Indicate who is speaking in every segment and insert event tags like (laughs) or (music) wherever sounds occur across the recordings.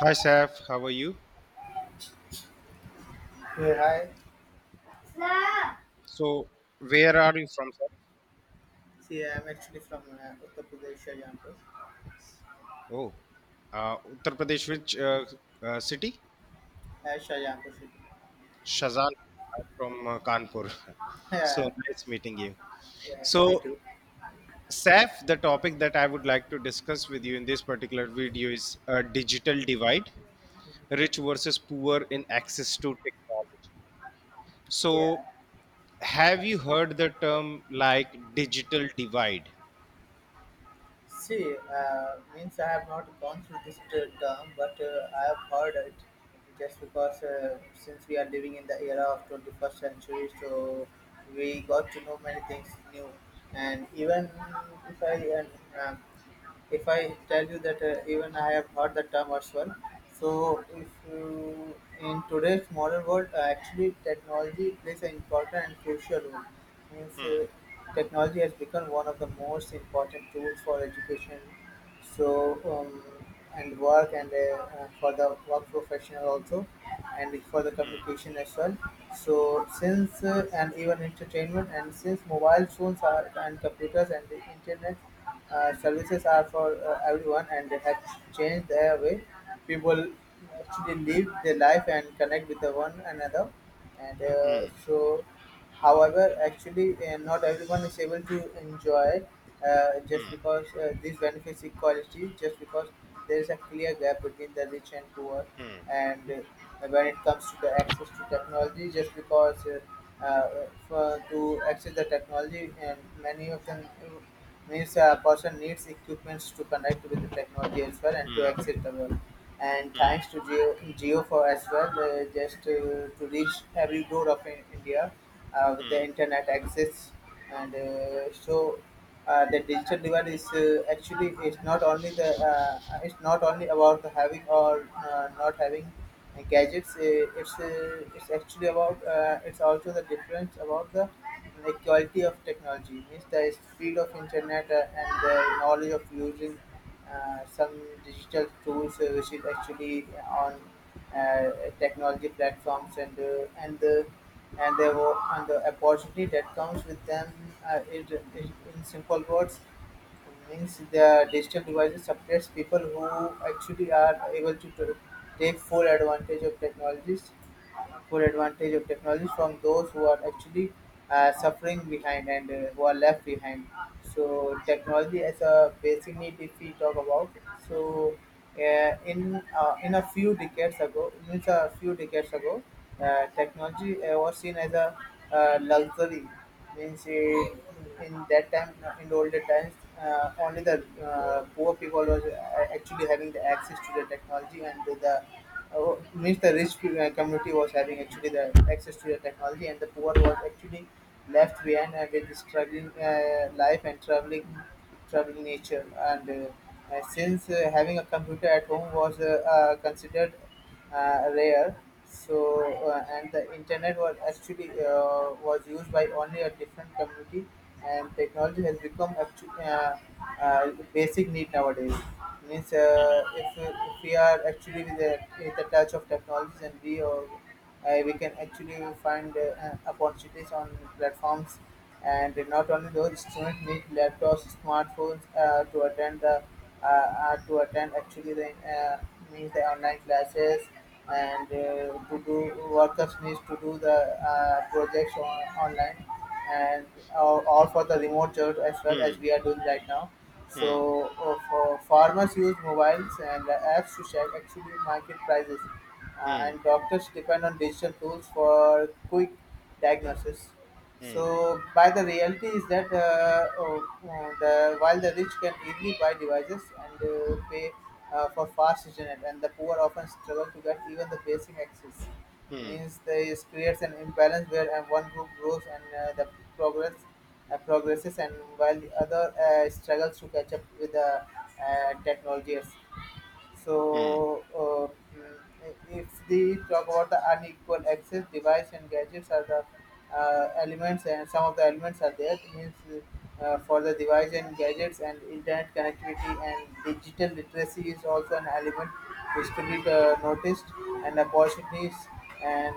Speaker 1: Hi, Saf. How are you?
Speaker 2: Hey, hi. Sir,
Speaker 1: So, where are you from, sir?
Speaker 2: see, I'm actually from Uttar Pradesh, Shahjahanpur.
Speaker 1: Oh, Uttar Pradesh, which city?
Speaker 2: Shahjahanpur city.
Speaker 1: Shazan. I'm from Kanpur. (laughs)
Speaker 2: (laughs)
Speaker 1: So,
Speaker 2: Yeah,
Speaker 1: nice meeting you.
Speaker 2: yeah, me
Speaker 1: So,
Speaker 2: too.
Speaker 1: Saf, the topic that I would like to discuss with you in this particular video is digital divide, rich versus poor in access to technology. So,
Speaker 2: Yeah.
Speaker 1: have you heard the term like digital divide?
Speaker 2: See, means I have not gone through this term, but I have heard it just because since we are living in the era of 21st century, so we got to know many things new. And even if I, and, um, if I tell you that even I have heard the term as well. So, if you, in today's modern world, actually technology plays an important and crucial role. Means
Speaker 1: Hmm,
Speaker 2: technology has become one of the most important tools for education, so um, and work and for the work professional also, and for the
Speaker 1: hmm,
Speaker 2: communication as well, so since and even entertainment, and since mobile phones are and computers and the internet services are for everyone, and they have changed their way people actually live their life and connect with the one another, and
Speaker 1: hmm,
Speaker 2: so however, actually, not everyone is able to enjoy just
Speaker 1: hmm,
Speaker 2: because these benefits equality, just because there is a clear gap between the rich and poor,
Speaker 1: hmm,
Speaker 2: and when it comes to the access to technology, just because for, to access the technology, and many of them means a person needs equipments to connect with the technology as well and to access the world. And thanks to Geo, Geo for as well, just to reach every door of India with the
Speaker 1: hmm,
Speaker 2: internet access, and so the digital divide is actually, it's not only about the having or not having gadgets. It's actually about it's also the difference about the equality of technology, means the speed of internet and the knowledge of using some digital tools, which is actually on uh, technology platforms, and and the and the opportunity that comes with them, uh, is, is in simple words, means the digital devices suppress people who actually are able to take full advantage of technologies, full advantage of technology, from those who are actually suffering behind and who are left behind. So technology as a basic need, if we talk about, so uh, in a few decades ago, means a few decades ago, technology was seen as a luxury. Means it, in that time, in the older times, only the poor people was actually having the access to the technology, and the means the rich community was having actually the access to the technology, and the poor was actually left behind with struggling life and traveling, traveling nature, and since having a computer at home was considered rare. So and the internet was actually was used by only a different community, and technology has become actu basic need nowadays. Means if we are actually with the touch of technologies, and we or we can actually find opportunities on platforms, and not only those students need laptops, smartphones to attend the to attend actually the uh, means the online classes, and to do workers needs to do the projects on, online, and or for the remote jobs as well as
Speaker 1: hmm,
Speaker 2: we are doing right now,
Speaker 1: hmm.
Speaker 2: so for farmers use mobiles and apps to check actually market prices,
Speaker 1: Hmm.
Speaker 2: and doctors depend on digital tools for quick diagnosis.
Speaker 1: Hmm.
Speaker 2: So, by the reality is that oh, oh, the while the rich can easily buy devices and pay for fast internet, and the poor often struggle to get even the basic access,
Speaker 1: Hmm.
Speaker 2: means this creates an imbalance where one group grows and the progress progresses, and while the other struggles to catch up with the technologies.
Speaker 1: Hmm.
Speaker 2: So if we talk about the unequal access, device and gadgets are the elements, and some of the elements are there. It means for the device and gadgets and internet connectivity, and digital literacy is also an element which could be noticed, and opportunities and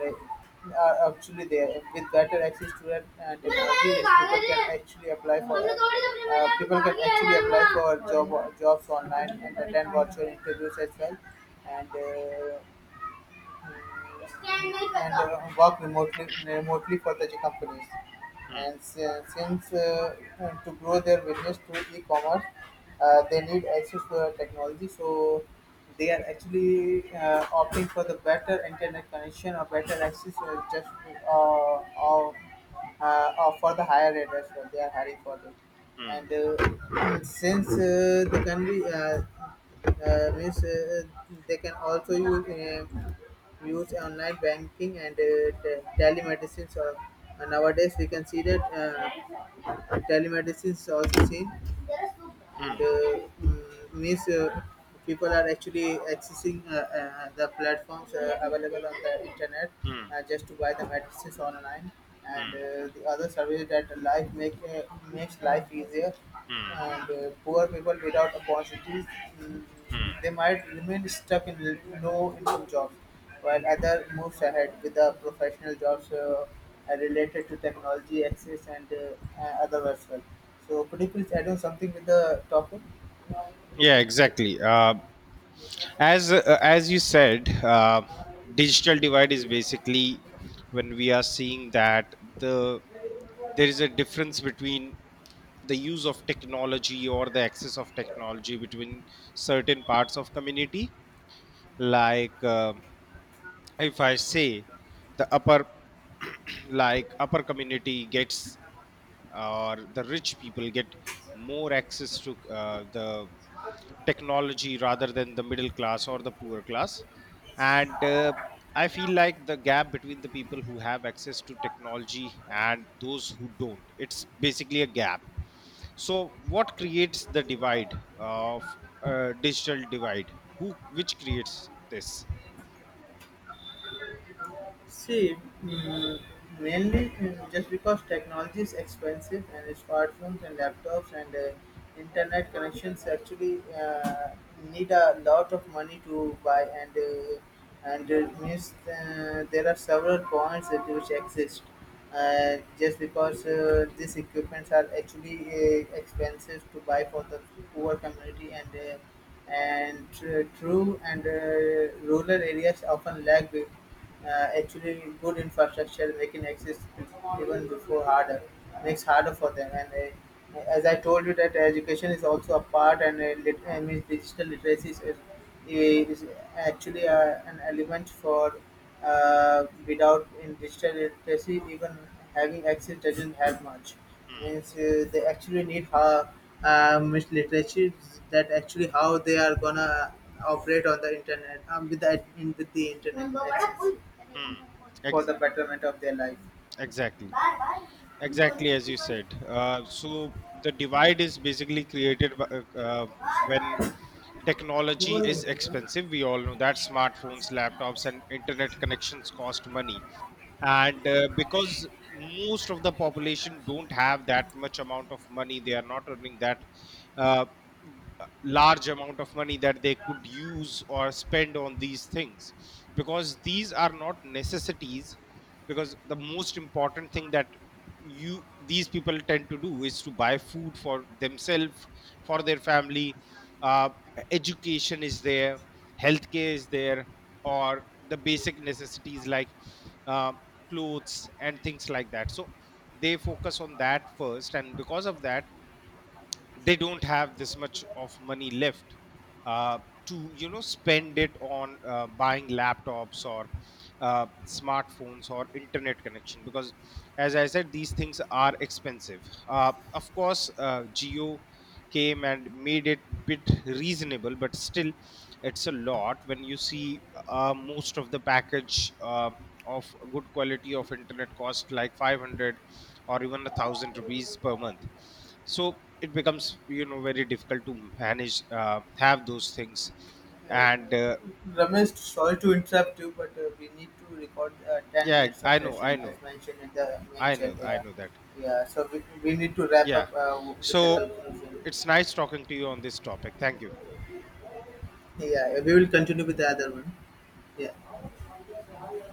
Speaker 2: actually, there with better access to that technology, yes, people can actually apply for that. People can actually apply for jobs online and attend virtual interviews as well. And uh, and work remotely for the companies. And since to grow their business through e-commerce, they need access to the technology. So they are actually opting for the better internet connection or better access, or just uh, or or for the higher rate as well. They are hiring for them,
Speaker 1: Hmm.
Speaker 2: and (clears throat) since they can be means they can also use online banking and telemedicine. So nowadays we can see that telemedicine is also seen, and
Speaker 1: Hmm.
Speaker 2: uh, mm, means people are actually accessing the platforms available on the internet
Speaker 1: Hmm.
Speaker 2: just to buy the medicines online, and
Speaker 1: Hmm.
Speaker 2: the other services that life make makes life easier,
Speaker 1: Hmm.
Speaker 2: and poor people without opportunities mm,
Speaker 1: Hmm.
Speaker 2: they might remain stuck in low income jobs while other moves ahead with the professional jobs related to technology, access, and other as well. So, could you please add on something with the topic?
Speaker 1: Yeah, exactly. As you said, digital divide is basically when we are seeing that there is a difference between the use of technology or the access of technology between certain parts of community, like. If I say the upper, (clears throat) like upper community gets or the rich people get more access to the technology rather than the middle class or the poor class, and I feel like the gap between the people who have access to technology and those who don't, it's basically a gap. So what creates the divide of digital divide, who which creates this?
Speaker 2: See, mm, mainly mm, just because technology is expensive, and smartphones and laptops and internet connections actually need a lot of money to buy, and and it means there are several points that which exist. Just because these equipments are actually expensive to buy for the poor community, and true, and rural areas often lack uh, actually good infrastructure, making access even before harder, makes harder for them, and as I told you that education is also a part, and I mean, digital literacy is actually an element for without in digital literacy, even having access doesn't help much. Means they actually need how it's literature that actually how they are gonna operate on the internet, with the in, with the internet access
Speaker 1: Hmm.
Speaker 2: for
Speaker 1: Ex-
Speaker 2: the betterment of their life.
Speaker 1: exactly.
Speaker 2: Uh,
Speaker 1: Exactly as you said. So the divide is basically created by, when technology is expensive. We all know that smartphones, laptops, and internet connections cost money, and because most of the population don't have that much amount of money, they are not earning that uh, large amount of money that they could use or spend on these things, because these are not necessities, because the most important thing that you these people tend to do is to buy food for themselves, for their family. Uh, education is there, healthcare is there, or the basic necessities like uh, clothes and things like that. So they focus on that first, and because of that they don't have this much of money left, uh, to you know spend it on buying laptops or smartphones or internet connection, because as I said, these things are expensive. Of course, geo came and made it bit reasonable, but still it's a lot. When you see, most of the package of good quality of internet cost like 500 or even 1,000 rupees per month, so it becomes you know very difficult to manage, have those things and
Speaker 2: Ramesh, sorry to interrupt you, but we need to record 10
Speaker 1: yeah
Speaker 2: minutes of
Speaker 1: i know i
Speaker 2: session as
Speaker 1: know
Speaker 2: mentioned in the main
Speaker 1: i
Speaker 2: chat
Speaker 1: know i
Speaker 2: here.
Speaker 1: know that.
Speaker 2: Yeah, so we need to wrap
Speaker 1: Yeah,
Speaker 2: up with the
Speaker 1: so
Speaker 2: conclusion.
Speaker 1: it's nice talking to you on this topic, thank you.
Speaker 2: Yeah, we will continue with the other one. Yeah.